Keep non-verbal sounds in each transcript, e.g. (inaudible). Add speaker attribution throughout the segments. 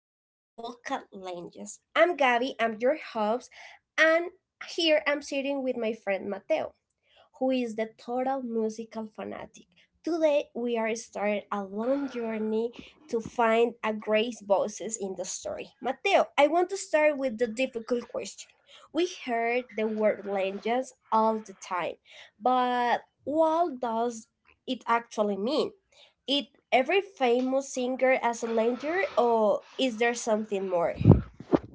Speaker 1: series, Vocal Langes. I'm Gabby, I'm your host, and here I'm sitting with my friend Mateo who is the total musical fanatic. Today we are starting a long journey to find a great voices in the story. Mateo, I want to start with the difficult question. We heard the word legends all the time, but what does it actually mean? Is every famous singer as a legend or is there something more?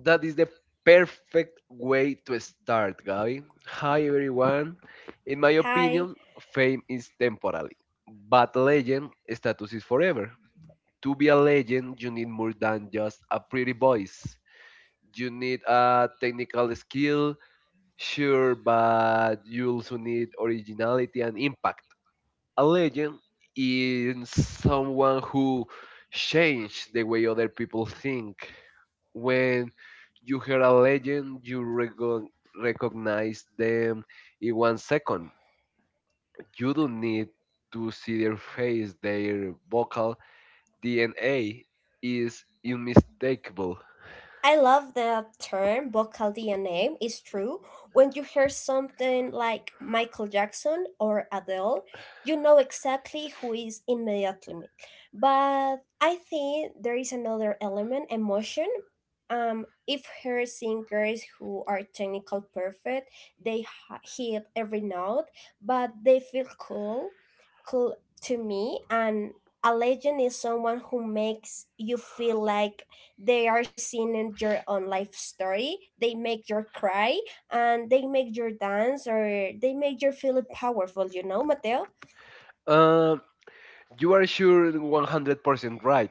Speaker 2: that is the perfect way to start, Gabi. Hi, everyone. In my
Speaker 1: Hi.
Speaker 2: opinion, fame is temporary, but legend status is forever. To be a legend, you need more than just a pretty voice. You need a technical skill, sure, but you also need originality and impact. A legend is someone who changed the way other people think. When you hear a legend, you recognize them in 1 second. You don't need to see their face, their vocal DNA is unmistakable.
Speaker 1: I love the term, vocal DNA. It's true. When you hear something like Michael Jackson or Adele, you know exactly who is immediately. But I think there is another element, emotion. If her singers who are technical perfect, they hit every note, but they feel cool to me. And a legend is someone who makes you feel like they are seen in your own life story. They make your cry and they make your dance or they make your feel powerful, you know, Mateo?
Speaker 2: Um, you are sure 100% right,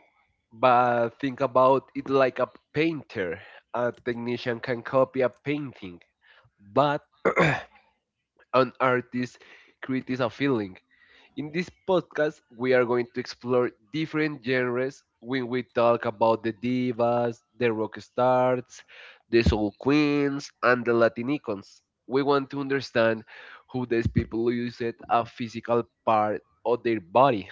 Speaker 2: but think about it like a painter. A technician can copy a painting, but an artist creates a feeling. In this podcast, we are going to explore different genres when we talk about the divas, the rock stars, the soul queens, and the Latin icons. We want to understand who these people use it a physical part of their body,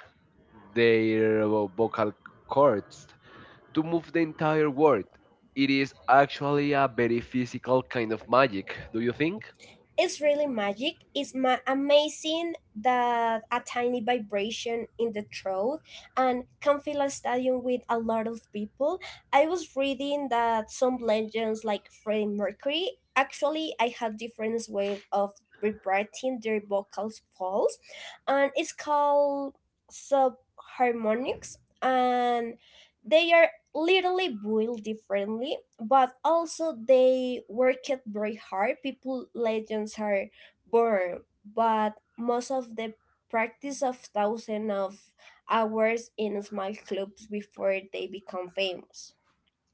Speaker 2: their vocal cords, to move the entire world. It is actually a very physical kind of magic, do you think?
Speaker 1: It's really magic. It's amazing that a tiny vibration in the throat and can fill a stadium with a lot of people. I was reading that some legends like Freddie Mercury actually I had different ways of vibrating their vocals falls, and it's called subharmonics, and they are literally built differently, but also they worked very hard. People legends are born, but most of the practice of thousands of hours in small clubs before they become famous.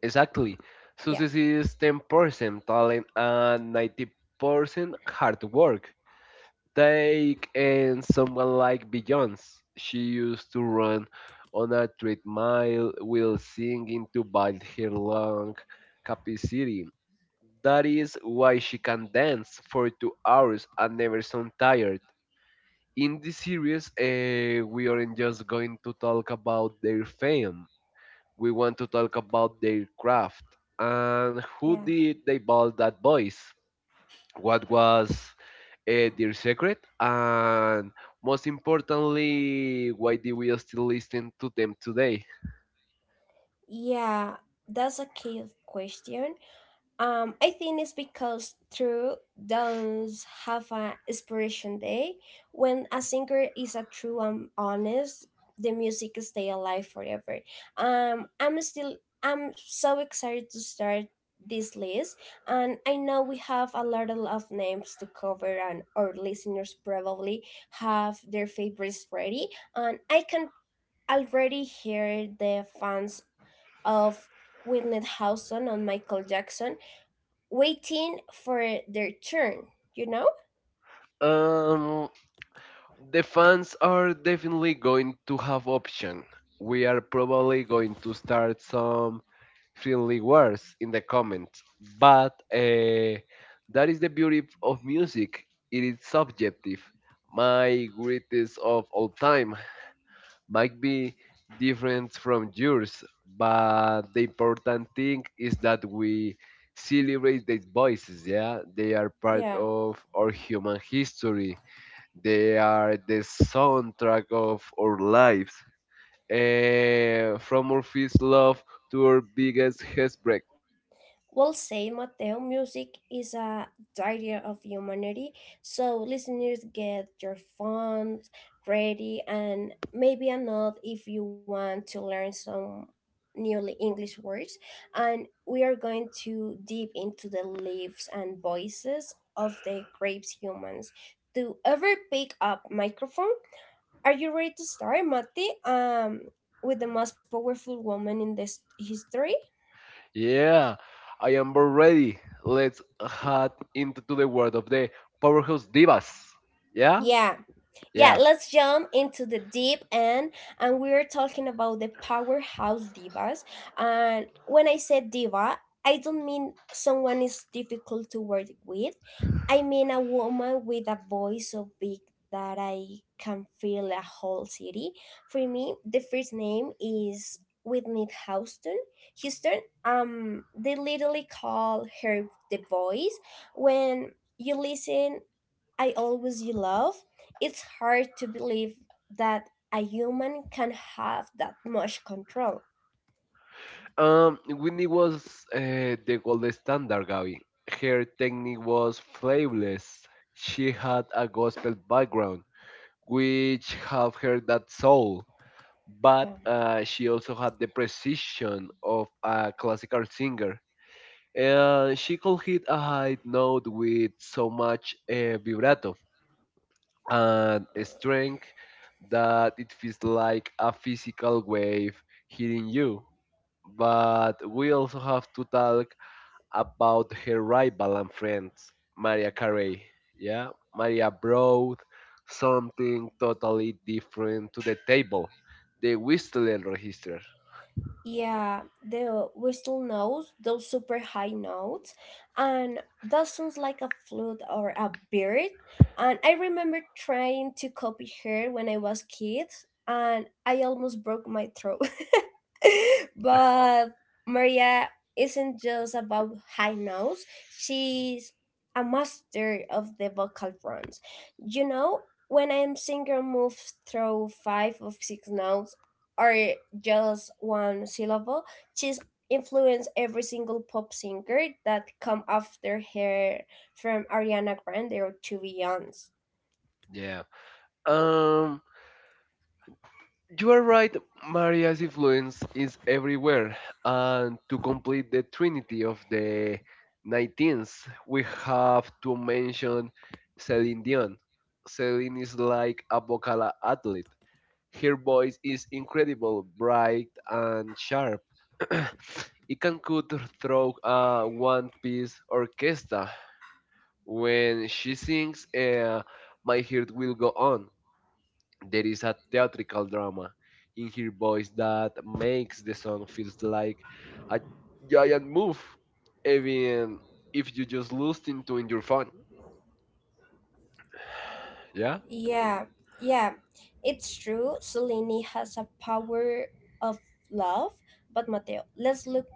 Speaker 2: Exactly.
Speaker 1: Yeah.
Speaker 2: Success is 10% talent and 90% hard work. Take and someone like Beyoncé. She used to run on a treadmill mile while singing to build her lung capacity. That is why she can dance for 2 hours and never sound tired. In this series, we aren't just going to talk about their fame. We want to talk about their craft, and who
Speaker 1: Yeah.
Speaker 2: did they build that voice? What was their secret? And most importantly, why do we still listen to them today?
Speaker 1: Yeah, that's a key question. I think it's because true downs have an inspiration day. When a singer is a true and honest, the music stay alive forever. Um, I'm still I'm so excited to start this list, and I know we have a lot of names to cover, and our listeners probably have their favorites ready. And I can already hear the fans of Whitney Houston on Michael Jackson waiting for their turn, you know?
Speaker 2: um the fans are definitely going to have option. We are probably going to start some friendly words in the comments. But that is the beauty of music. It is subjective. My greatest of all time might be different from yours, but the important thing is that we celebrate these voices. Yeah, they are part
Speaker 1: Yeah.
Speaker 2: of our human history. They are the soundtrack of our lives. From our first love to our biggest heartbreak.
Speaker 1: Well said, Mateo. Music is a diary of humanity, so listeners get your phones ready and maybe a note if you want to learn some newly English words. And we are going to deep into the leaves and voices of the grapes humans. Do ever pick up microphone? Are you ready to start, Mati? With the most powerful woman in this history?
Speaker 2: Yeah, I am about ready. Let's head into the world of the powerhouse divas. Yeah,
Speaker 1: Yeah, yeah,
Speaker 2: yeah.
Speaker 1: let's jump into the deep end. And we're talking about the powerhouse divas. And when I said diva, I don't mean someone is difficult to work with. I mean a woman with a voice so big that I can fill a whole city. For me, the first name is Whitney Houston. Houston, they literally call her the voice when you listen I always love, it's hard to believe that a human can have that much control.
Speaker 2: Whitney was the gold standard, Gabby. Her technique was flawless. She had a gospel background, which have her that soul, but
Speaker 1: Yeah.
Speaker 2: she also had the precision of a classical singer. She could hit a high note with so much vibrato and a strength that it feels like a physical wave hitting you. But we also have to talk about her rival and friends, Maria Carey. Yeah, Maria brought something totally different to the table, the whistling register.
Speaker 1: Yeah, the whistle notes, those super high notes, and that sounds like a flute or a bird. And I remember trying to copy her when I was kid, and I almost broke my throat. (laughs) (laughs) but Maria isn't just about high notes, she's a master of the vocal fronts. You know, when a singer moves through five or six notes or just one syllable, she's influenced every single pop singer that come after her from Ariana Grande or to Beyonce.
Speaker 2: Yeah. Um, You are right, Maria's influence is everywhere. And to complete the trinity of the 19th, we have to mention Celine Dion. Celine is like a vocal athlete. Her voice is incredible, bright, and sharp. (clears throat) It can cut through a one piece orchestra. When she sings, my heart will go on. There is a theatrical drama in her voice that makes the song feels like a giant move, even if you just listen to in your phone. Yeah.
Speaker 1: Yeah, yeah, it's true. Selene has a power of love, but Mateo, let's look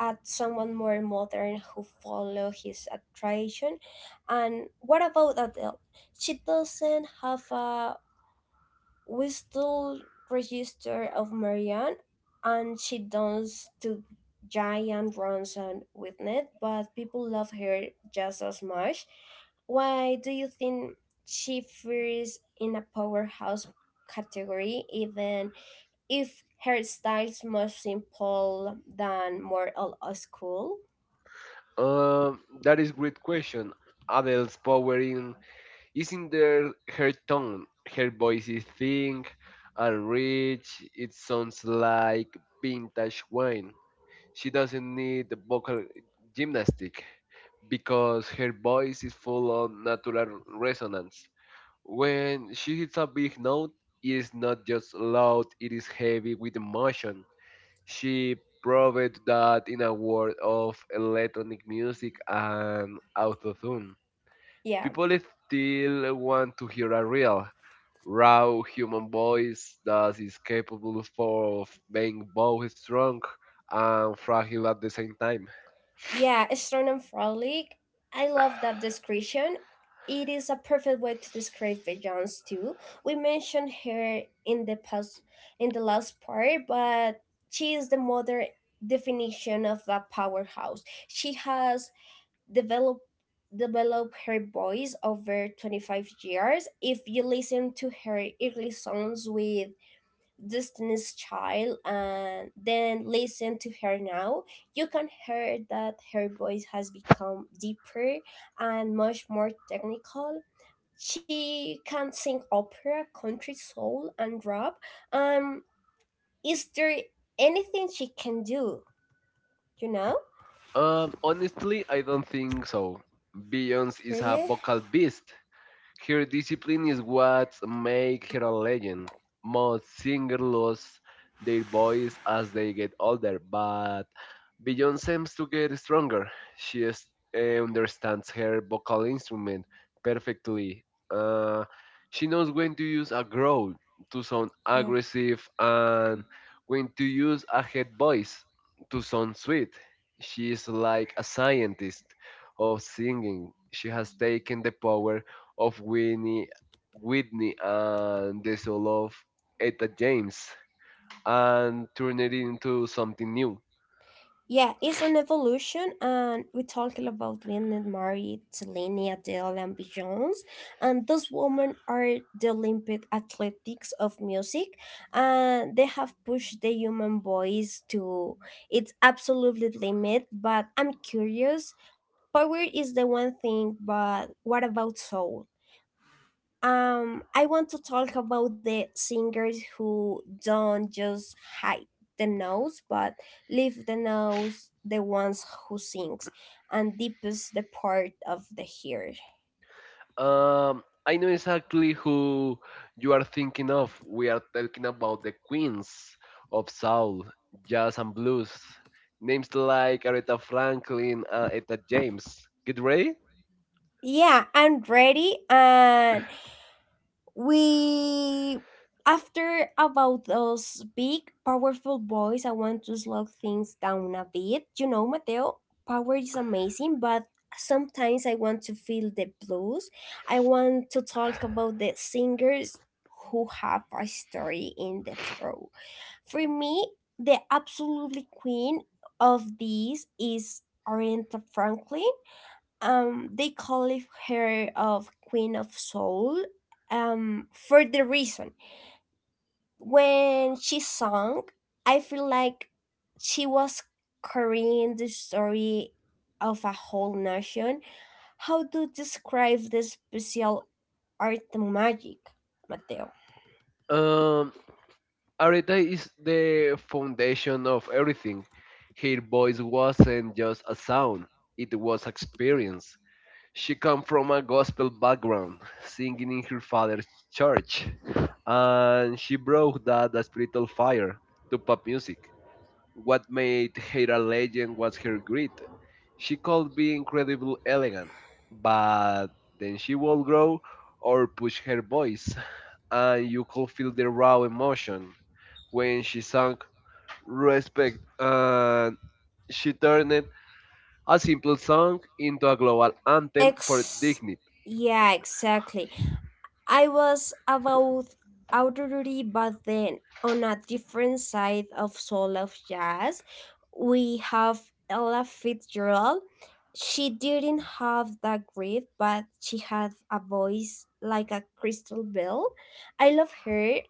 Speaker 1: at someone more modern who follow his attraction. And what about Adele? She doesn't have a we still register of Marianne and she does to giant runs on with it, but people love her just as much. Why do you think she fears in a powerhouse category even if her style's more simple than more old school?
Speaker 2: That is great question. Adele's power in is in their her tone. Her voice is thin and rich. It sounds like vintage wine. She doesn't need the vocal gymnastic, because her voice is full of natural resonance. When she hits a big note, it is not just loud, it is heavy with emotion. She proved that in a world of electronic music and autotune.
Speaker 1: Yeah.
Speaker 2: People still want to hear a real, raw human voice that is capable of being both strong and fragile at the same time.
Speaker 1: Yeah, sternum frolic. I love that description. It is a perfect way to describe Jones too. We mentioned her in the past in the last part, but she is the modern definition of a powerhouse. She has developed developed her voice over 25 years. If you listen to her, early songs with Destiny's Child and then listen to her now, you can hear that her voice has become deeper and much more technical. She can sing opera, country, soul, and rap. Um, is there anything she can do? You know,
Speaker 2: Honestly, I don't think so. Beyonce is a
Speaker 1: really?
Speaker 2: vocal beast. Her discipline is what makes her a legend. Most singers lose their voice as they get older, but Beyonce seems to get stronger. She understands her vocal instrument perfectly. Uh, she knows when to use a growl to sound
Speaker 1: Yeah.
Speaker 2: aggressive and when to use a head voice to sound sweet. She is like a scientist of singing. She has taken the power of Whitney and the soul of Etta James and turn it into something new.
Speaker 1: Yeah, it's an evolution, and we talked about being married to Linnea Dale and B. Jones, and those women are the Olympic athletics of music, and they have pushed the human voice to its absolute limit. But I'm curious, power is the one thing, but what about soul? I want to talk about the singers who don't just hide the nose but leave the nose, the ones who sings and deepens the part of the hair.
Speaker 2: I know exactly who you are thinking of. We are talking about the queens of soul, jazz, and blues. Names like Aretha Franklin and Etta James. Get ready?
Speaker 1: Yeah, I'm ready, and we after about those big powerful boys I want to slow things down a bit, you know, Mateo? Power is amazing, but sometimes I want to feel the blues. I want to talk about the singers who have a story in the throat. For me, the absolutely queen of these is Aretha Franklin. They call her of queen of soul for the reason. When she sang, I feel like she was carrying the story of a whole nation. How to describe the special art magic, Mateo?
Speaker 2: Um, Aretha is the foundation of everything. Her voice wasn't just a sound, it was experience. She come from a gospel background, singing in her father's church, and she brought that spiritual fire to pop music. What made her a legend was her grit. She could be incredibly elegant, but then she will grow or push her voice, and you could feel the raw emotion when she sang Respect, and she turned a simple song into a global anthem for
Speaker 1: Ex
Speaker 2: dignity.
Speaker 1: Yeah, exactly. I was about Audrey, but then on a different side of soul of jazz, we have Ella Fitzgerald. She didn't have that grit, but she had a voice like a crystal bell. I love her,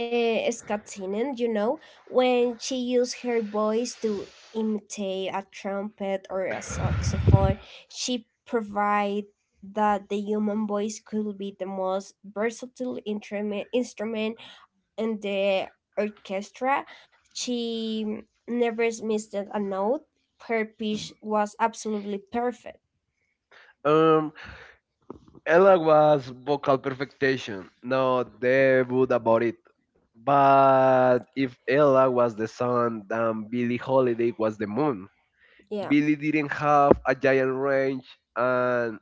Speaker 1: Scott Tinen, you know, when she used her voice to imitate a trumpet or a saxophone, she provided that the human voice could be the most versatile instrument in the orchestra. She never missed a note. Her pitch was absolutely perfect.
Speaker 2: Um. Ella was vocal perfection. No they would about it. But if Ella was the sun, then Billie Holiday was the moon.
Speaker 1: Yeah,
Speaker 2: Billie didn't have a giant range and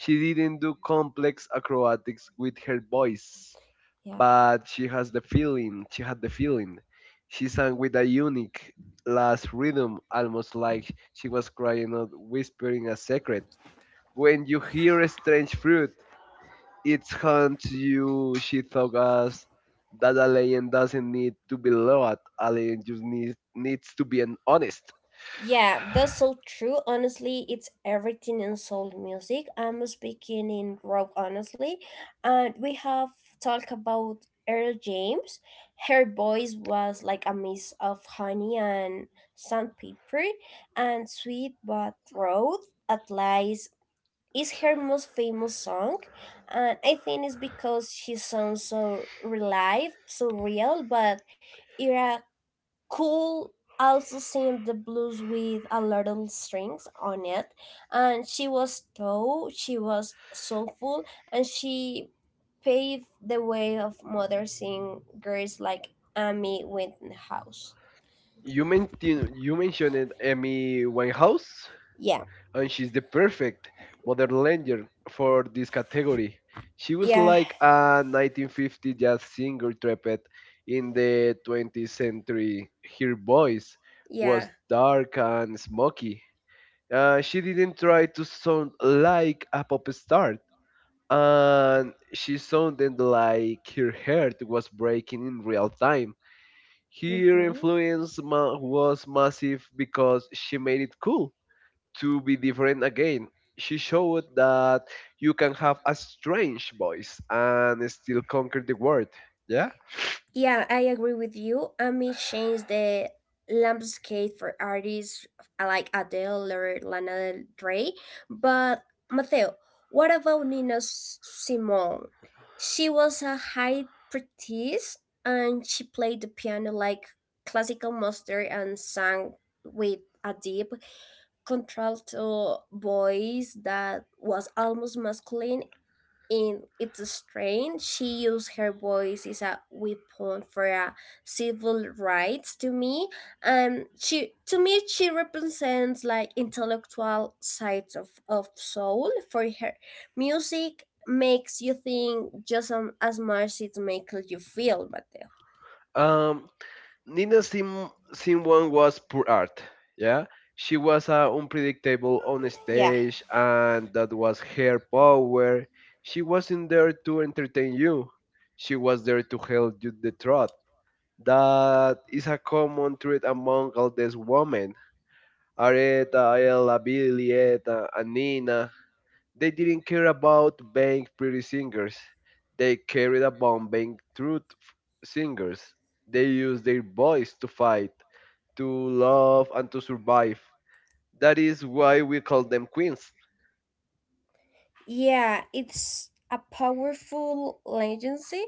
Speaker 2: she didn't do complex acrobatics with her voice.
Speaker 1: yeah.
Speaker 2: But she has the feeling, she had the feeling. She sang with a unique last rhythm, almost like she was crying out, whispering a secret. When you hear a strange fruit, it haunts you, she thought us, that a lion doesn't need to be loved, a lion just needs to be an honest.
Speaker 1: Yeah, that's so true. Honestly, it's everything in soul music. I'm speaking in rock, honestly. And we have talked about Earl James. Her voice was like a mix of honey and sandpaper and sweet but road. At least is her most famous song. And I think it's because she sounds so live, so real, but Cole also sang the blues with a little strings on it, and she was tall, she was soulful, and she paved the way of modern singers like Amy Winehouse.
Speaker 2: You mentioned Amy Winehouse,
Speaker 1: Yeah,
Speaker 2: and she's the perfect modern legend for this category. She was
Speaker 1: yeah,
Speaker 2: like a 1950 jazz singer trapped in the 20th century. Her voice
Speaker 1: yeah.
Speaker 2: was dark and smoky. She didn't try to sound like a pop star, and she sounded like her heart was breaking in real time. Her
Speaker 1: Hmm.
Speaker 2: influence was massive because she made it cool to be different again. She showed that you can have a strange voice and still conquer the world. Yeah.
Speaker 1: Yeah, I agree with you. Amy changed the landscape for artists like Adele or Lana Del Rey. But Mateo, what about Nina Simone? She was a high priestess and she played the piano like classical master and sang with a deep contralto voice that was almost masculine in its strain. She used her voice as a weapon for civil rights. To me, she represents like intellectual sides of soul. For her, music makes you think just as much it makes you feel, Mateo.
Speaker 2: Um, Nina Simone was pure art. Yeah, she was unpredictable on stage, and that was her power. She wasn't there to entertain you; she was there to tell you the truth. That is a common trait among all these women. Aretha, Ella, Julieta, and Nina. They didn't care about being pretty singers. They cared about being truth singers. They used their voice to fight to love, and to survive. That is why we call them queens.
Speaker 1: Yeah, it's a powerful legacy.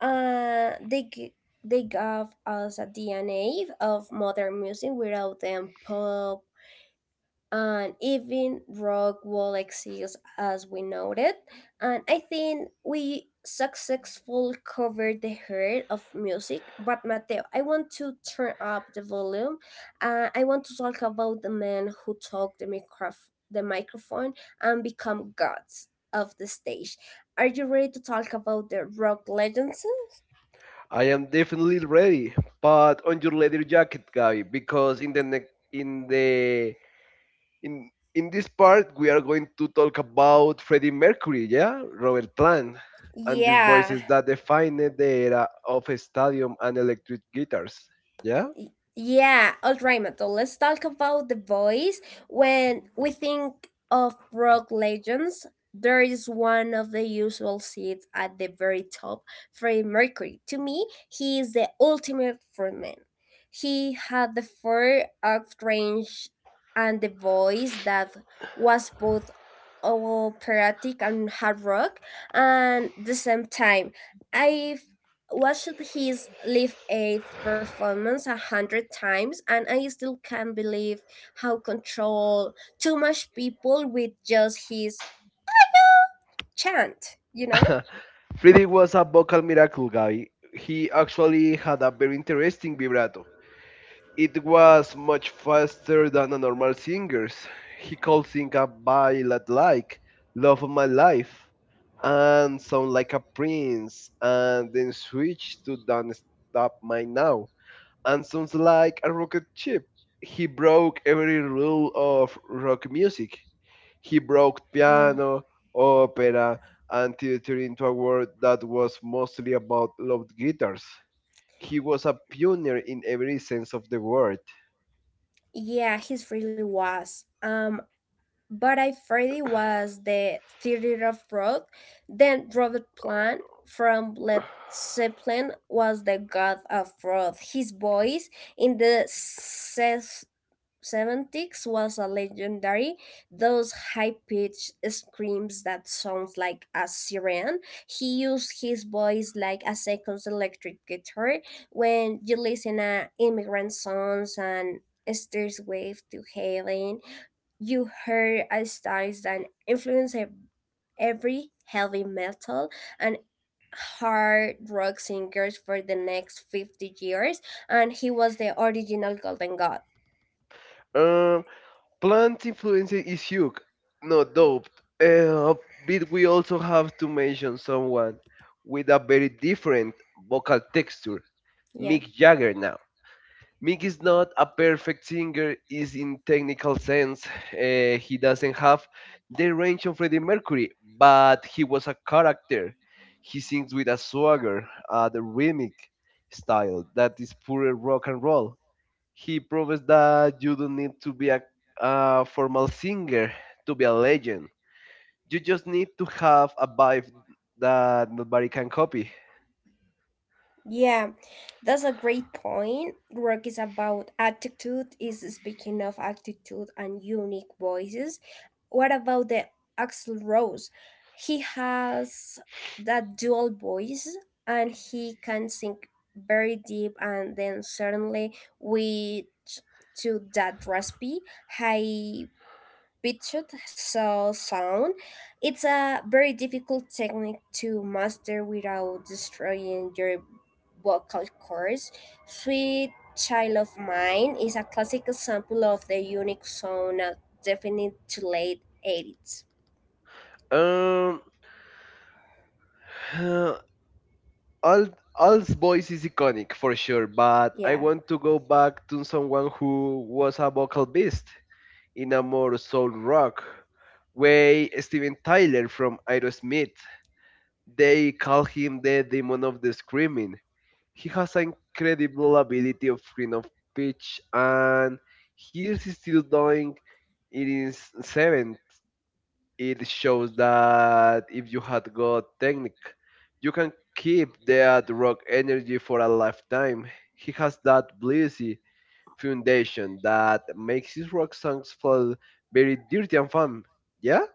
Speaker 1: Uh, they g- they gave us a DNA of modern music without them, and even rock will exist as we know it. And I think we successfully covered the heart of music. But Mateo, I want to turn up the volume. I want to talk about the man who took the the microphone and become gods of the stage. Are you ready to talk about the rock legends?
Speaker 2: I am definitely ready, but on your leather jacket, guy, because in the ne- in the in in this part we are going to talk about Freddie Mercury, yeah, Robert Plant, and these
Speaker 1: Yeah.
Speaker 2: voices that defined the era of stadium and electric guitars, yeah.
Speaker 1: Yeah, all right, Mato. Let's talk about the voice. When we think of rock legends, there is one of the usual seats at the very top, Freddie Mercury. To me, he is the ultimate frontman. He had the four out range and the voice that was both operatic and hard rock and the same time. I watched his live aid performance 100 times and I still can't believe how control too much people with just his chant, you know?
Speaker 2: (laughs) Freddie was a vocal miracle guy. He actually had a very interesting vibrato. It was much faster than a normal singer's. He could sing a ballad like Love of My Life and sound like a prince and then switch to Don't Stop My Now and sounds like a rocket ship. He broke every rule of rock music. He broke
Speaker 1: Yeah.
Speaker 2: piano, opera, and theater into a world that was mostly about loud guitars. He was a pioneer in every sense of the word.
Speaker 1: Yeah, he's really was but I Freddy was the theater of Roth. Then Robert Plant from Led Zeppelin was the god of Roth. His voice in the 70s was a legendary. Those high-pitched screams that sounds like a siren. He used his voice like a second electric guitar. When you listen to immigrant songs and Esther's wave to heaven, you heard a styles that influence every heavy metal and hard rock singers for the next 50 years, and he was the original golden god.
Speaker 2: Um, Plant influencer is huge, not dope. Uh, but we also have to mention someone with a very different vocal texture,
Speaker 1: Yeah.
Speaker 2: Mick Jagger. Now, Mick is not a perfect singer, is in technical sense, he doesn't have the range of Freddie Mercury, but he was a character. He sings with a swagger, the rhythmic style that is pure rock and roll. He proves that you don't need to be a formal singer to be a legend. You just need to have a vibe that nobody can copy.
Speaker 1: Yeah, that's a great point. Work is about attitude, is speaking of attitude and unique voices. What about the Axel Rose? He has that dual voice and he can sing very deep and then suddenly with to that raspy high pitched so sound. It's a very difficult technique to master without destroying your vocal cords. Sweet Child of Mine is a classic example of the unique sound of definite to late 80s.
Speaker 2: Um, (sighs) uh, Alt, Alt's voice is iconic for sure, but I
Speaker 1: Yeah.
Speaker 2: want to go back to someone who was a vocal beast in a more soul rock way. Steven Tyler from Aerosmith. They call him the demon of the screaming. He has an incredible ability of green of pitch, and he is still doing it in seventh. It shows that if you had got technique, you can keep that rock energy for a lifetime. He has that blizzzy foundation that makes his rock songs feel very dirty and fun. Yeah?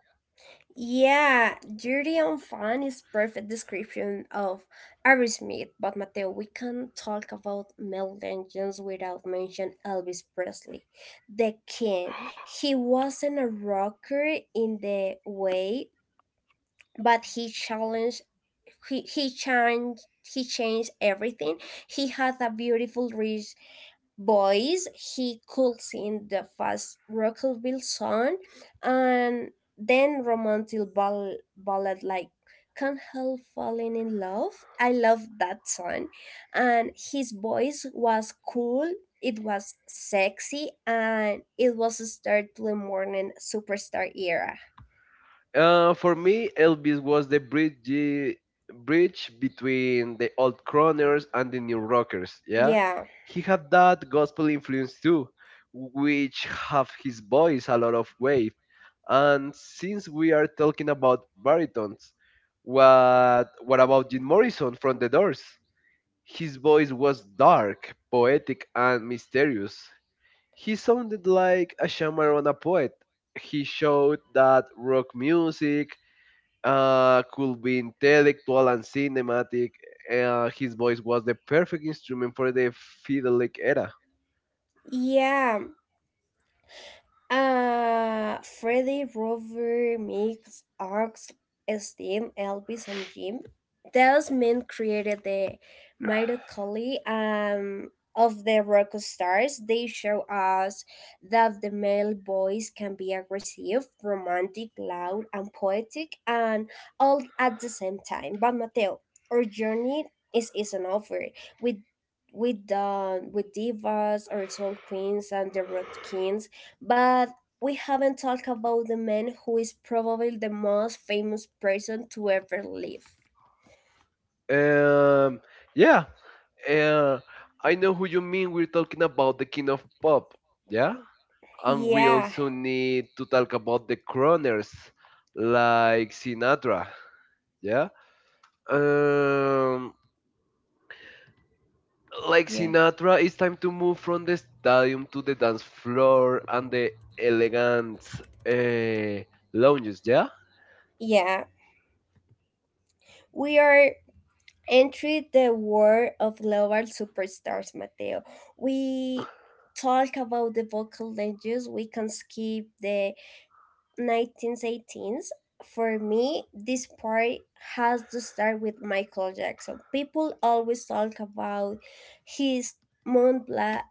Speaker 1: Yeah, dirty and fun is perfect description of Aerosmith, but Mateo, we can't talk about Mel Jeans without mention Elvis Presley, the king. He wasn't a rocker in the way, but he challenged he, he changed he changed everything. He had a beautiful rich Boys, he could sing the fast rockabilly song and then romantic ballad like can't help falling in love. I love that song. And his voice was cool. It was sexy, and it was a start to the morning superstar era.
Speaker 2: For me, Elvis was the bridge between the old crooners and the new rockers. Yeah,
Speaker 1: Yeah,
Speaker 2: he had that gospel influence too, which have his voice a lot of weight. And since we are talking about baritones, what about Jim Morrison from The Doors? His voice was dark, poetic, and mysterious. He sounded like a shaman and a poet. He showed that rock music could be intellectual and cinematic. His voice was the perfect instrument for the fiddleic era.
Speaker 1: yeah. Freddy, Rover, Mix, Arx, Steam, Elvis, and Jim. Those men created the mitochondria of the rock stars. They show us that the male voice can be aggressive, romantic, loud, and poetic, and all at the same time. But Mateo, our journey is isn't over. We we done with divas, our soul queens, and the rock kings, but we haven't talked about the man who is probably the most famous person to ever live.
Speaker 2: Um, yeah, uh, I know who you mean. We're talking about the king of pop, yeah? And we
Speaker 1: Yeah,
Speaker 2: also need to talk about the crooners, like Sinatra, yeah? Um, like
Speaker 1: yeah,
Speaker 2: Sinatra, it's time to move from the stadium to the dance floor and the elegant uh, lounges, yeah?
Speaker 1: yeah, we are entering the world of global superstars, Mateo. We talk about the vocal legends. We can skip the 1918s, for me, this part has to start with Michael Jackson. People always talk about his Mont Blanc,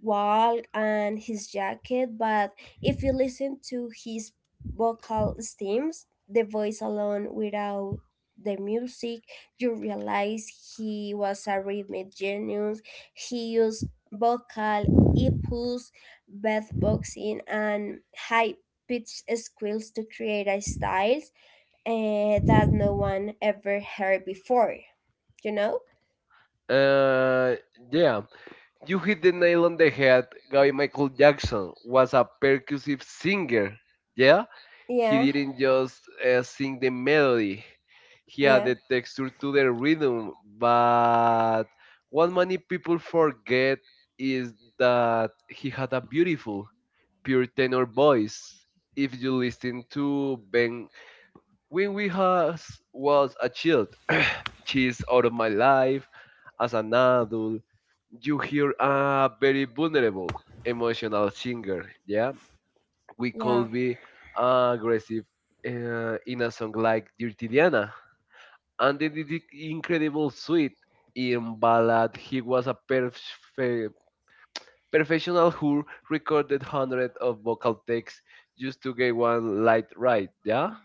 Speaker 1: walk and his jacket, but if you listen to his vocal stems, the voice alone without the music, you realize he was a rhythmic genius. He used vocal, hippos, beatboxing, and high pitch squeals to create a style that no one ever heard before, you know?
Speaker 2: Uh, yeah, you hit the nail on the head. Guy Michael Jackson was a percussive singer. Yeah,
Speaker 1: Yeah,
Speaker 2: he didn't just sing the melody, he had
Speaker 1: yeah,
Speaker 2: the texture to the rhythm. But what many people forget is that he had a beautiful, pure tenor voice. If you listen to Ben, when we has was a child, she's out of my life as an adult you hear a very vulnerable, emotional singer. Yeah, we
Speaker 1: yeah,
Speaker 2: could be aggressive in a song like Dirty Diana, and in the incredible suite in ballad, he was a professional who recorded hundreds of vocal takes just to get one light right. Yeah,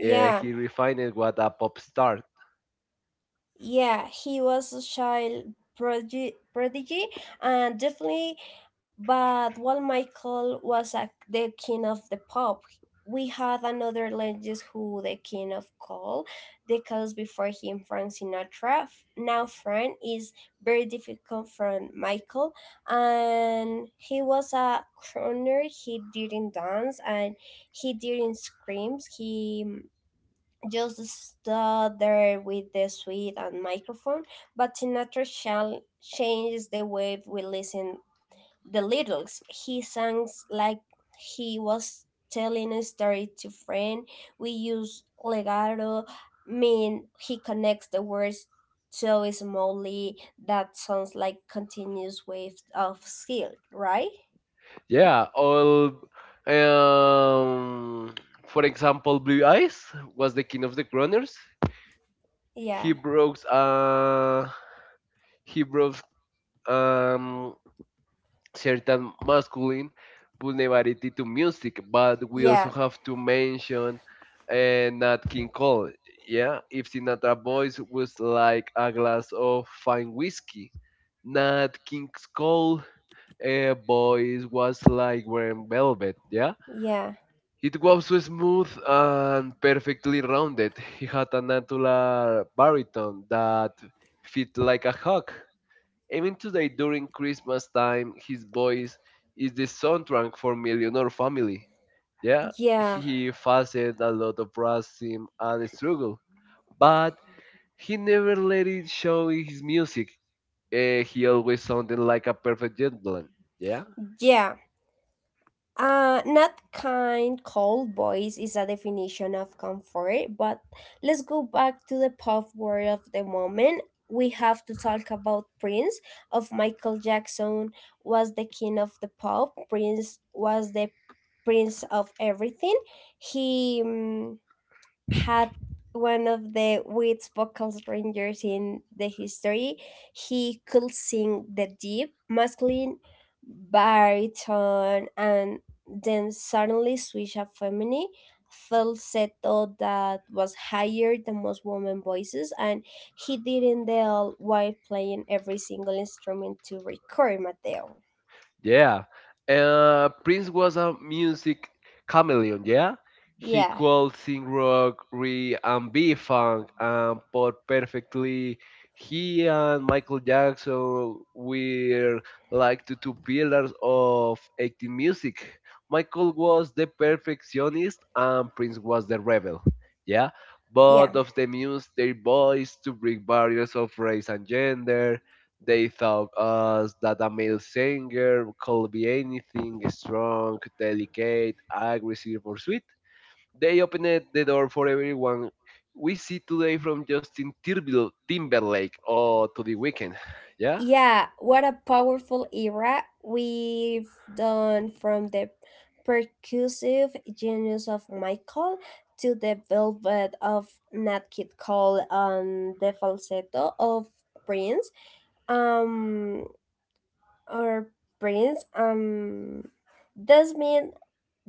Speaker 2: yeah he refined what a pop star.
Speaker 1: Yeah, he was a child prodigy and definitely. But while Michael was the king of the pop, we had another legend who the king of coal, decades before him, Frank Sinatra. Now Frank is very difficult from Michael, and he was a crooner. He didn't dance and he didn't scream. He just stood there with the suite and microphone, but Sinatra shall changes the way we listen the lyrics. He sings like he was telling a story to friend. We use legato, mean he connects the words so smoothly that sounds like continuous wave of skill, right?
Speaker 2: Yeah, all um for example, Blue Eyes was the king of the runners. He
Speaker 1: Yeah,
Speaker 2: broke uh he broke um certain masculine vulnerability to music, but we also
Speaker 1: yeah,
Speaker 2: have to mention Nat King Cole. Yeah, if Sinatra voice was like a glass of fine whiskey, Nat King Cole voice was like wearing velvet. Yeah,
Speaker 1: yeah,
Speaker 2: it was so smooth and perfectly rounded. He had an angular baritone that fit like a hawk. Even today, during Christmas time, his voice is the soundtrack for Millionaire Family. Yeah,
Speaker 1: yeah,
Speaker 2: he faced a lot of racism and struggle, but he never let it show in his music. He always sounded like a perfect gentleman. Yeah.
Speaker 1: yeah. Not kind, cold voice is a definition of comfort, but let's go back to the pop world of the moment. We have to talk about Prince of Michael Jackson was the king of the pop. Prince was the prince of everything. He had one of the weird vocal rangers in the history. He could sing the deep, masculine, baritone, and then suddenly switch a feminine falsetto that was higher than most women voices and he did not the while playing every single instrument to record Mateo.
Speaker 2: Yeah. Prince was a music chameleon, yeah? He
Speaker 1: Yeah,
Speaker 2: could sing rock, re and B funk and pop perfectly. He and Michael Jackson were like the two pillars of 80s music. Michael was the perfectionist and Prince was the rebel, yeah?
Speaker 1: yeah.
Speaker 2: Both of them used their voice to break barriers of race and gender. They taught us that a male singer could be anything strong, delicate, aggressive, or sweet. They opened the door for everyone we see today from Timberlake or to the weekend. (sighs) Yeah?
Speaker 1: Yeah, what a powerful era we've done from the percussive genius of Michael to the velvet of Nat King Cole and the falsetto of Prince. Um, our brains does mean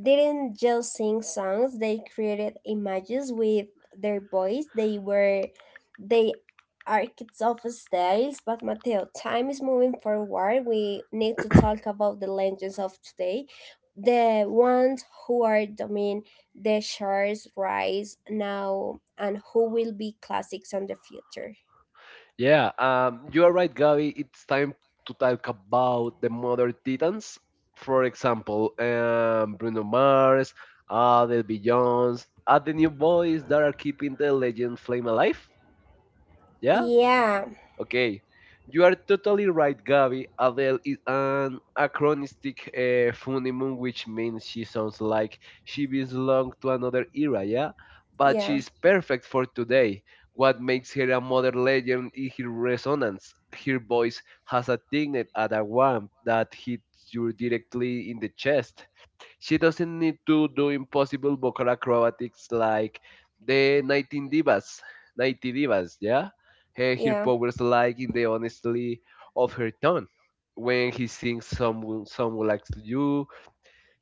Speaker 1: didn't just sing songs. They created images with their voice. They architects of styles. But Mateo, time is moving forward. We need to talk about the legends of today, the ones who are doing the charts rise now and who will be classics in the future.
Speaker 2: Yeah, you are right, Gabby. It's time to talk about the modern titans. For example, Bruno Mars, Adele Beyonce, are the new boys that are keeping the legend flame alive. Yeah.
Speaker 1: Yeah,
Speaker 2: Okay, you are totally right, Gabby. Adele is an acronistic phenomenon, which means she sounds like she belongs to another era, yeah? But she
Speaker 1: yeah,
Speaker 2: is perfect for today. What makes her a modern legend is her resonance. Her voice has a dignity and a warmth that hits you directly in the chest. She doesn't need to do impossible vocal acrobatics like the 19 divas, 90 divas, yeah? Her
Speaker 1: yeah,
Speaker 2: powers like in the honesty of her tone. When he sings Someone Likes You,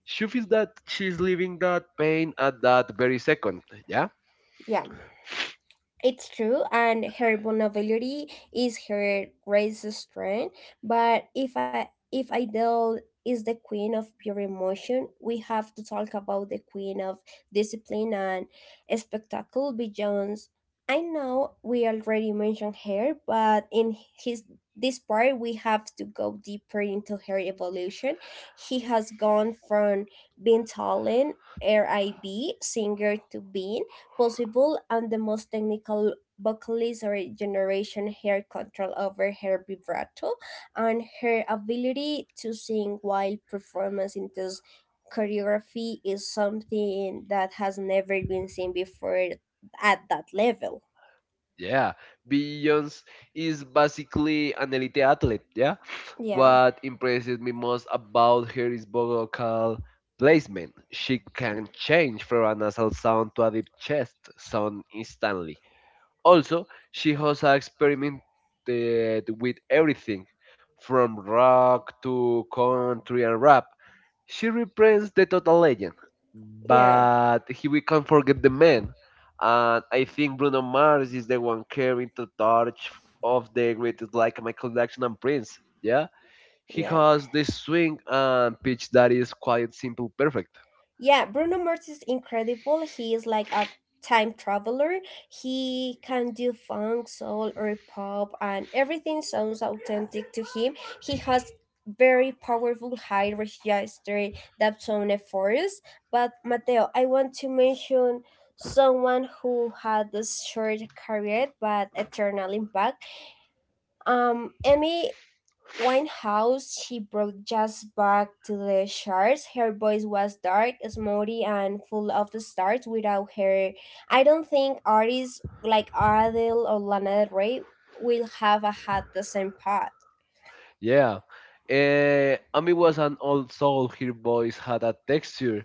Speaker 2: she feels that she's living that pain at that very second, yeah?
Speaker 1: yeah. It's true, and her vulnerability is her greatest strength. But if Idol is the queen of pure emotion, we have to talk about the queen of discipline and spectacle, Beyonce. I know we already mentioned her, but in his this part we have to go deeper into her evolution. She has gone from being talent RIB singer to being possible and the most technical vocalist or generation. Her control over her vibrato and her ability to sing while performance into choreography is something that has never been seen before at that level.
Speaker 2: Yeah, Billions is basically an elite athlete. Yeah,
Speaker 1: Yeah,
Speaker 2: what impresses me most about her is vocal placement. She can change from a nasal sound to a deep chest sound instantly. Also, she has experimented with everything from rock to country and rap. She represents the total legend,
Speaker 1: yeah,
Speaker 2: but he, we can't forget the man. And I think Bruno Mars is the one carrying the torch of the greatest like Michael Jackson and Prince. Yeah, he
Speaker 1: yeah.
Speaker 2: has this swing and pitch that is quite simple, perfect.
Speaker 1: Yeah, Bruno Mars is incredible. He is like a time traveler. He can do funk, soul, or pop, and everything sounds authentic to him. He has very powerful high register that sound efforts. But Mateo, I want to mention someone who had this short career but eternal impact. Emmy Winehouse, she brought jazz back to the charts. Her voice was dark, smoothie, and full of stars. Without her, I don't think artists like Adele or Lana Del Rey will have had the same path.
Speaker 2: Yeah. Amy was an old soul. Her voice had a texture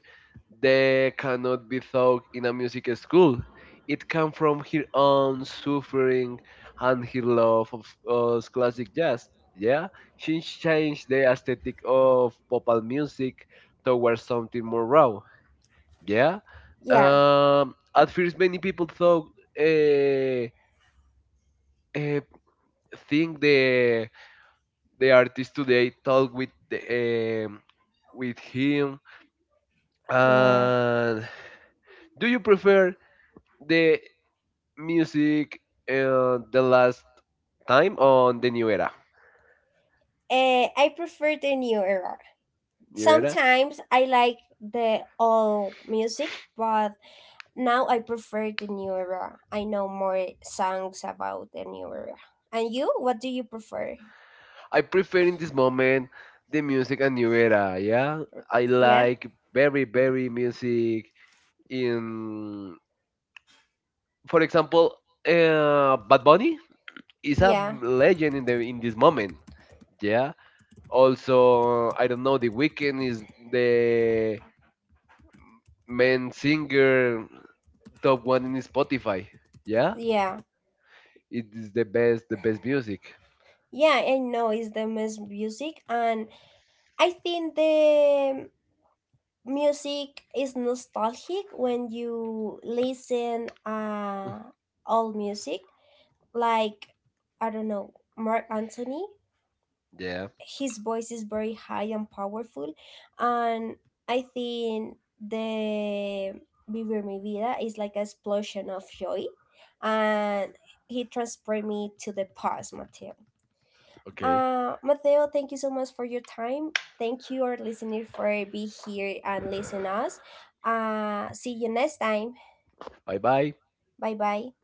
Speaker 2: that cannot be taught in a music school. It came from her own suffering and her love of classic jazz. Yeah. She changed the aesthetic of pop music towards something more raw. Yeah.
Speaker 1: Yeah,
Speaker 2: At first, many people thought, uh, uh, think the artist today talk with um, with him.
Speaker 1: yeah.
Speaker 2: And do you prefer the music the last time on the new era?
Speaker 1: I prefer the new era.
Speaker 2: New era.
Speaker 1: Sometimes I like the old music, but now I prefer the new era. I know more songs about the new era. And you, what do you prefer?
Speaker 2: I prefer in this moment the music and new era. Yeah, I
Speaker 1: Yeah.
Speaker 2: like very very music in, for example, Bad Bunny is a
Speaker 1: Yeah,
Speaker 2: legend in the in this moment. Yeah, also, I don't know, The Weeknd is the main singer top one in Spotify. Yeah,
Speaker 1: yeah,
Speaker 2: it is the best music.
Speaker 1: yeah. I know it's the best music, and I think the music is nostalgic when you listen old music. Like I don't know, Mark Anthony.
Speaker 2: Yeah.
Speaker 1: His voice is very high and powerful, and I think the Vivir Mi Vida is like an explosion of joy, and he transported me to the past, Mateo.
Speaker 2: Okay.
Speaker 1: Mateo, thank you so much for your time. Thank you, our listener, for be here and listen us. See you next time.
Speaker 2: Bye bye.
Speaker 1: Bye bye.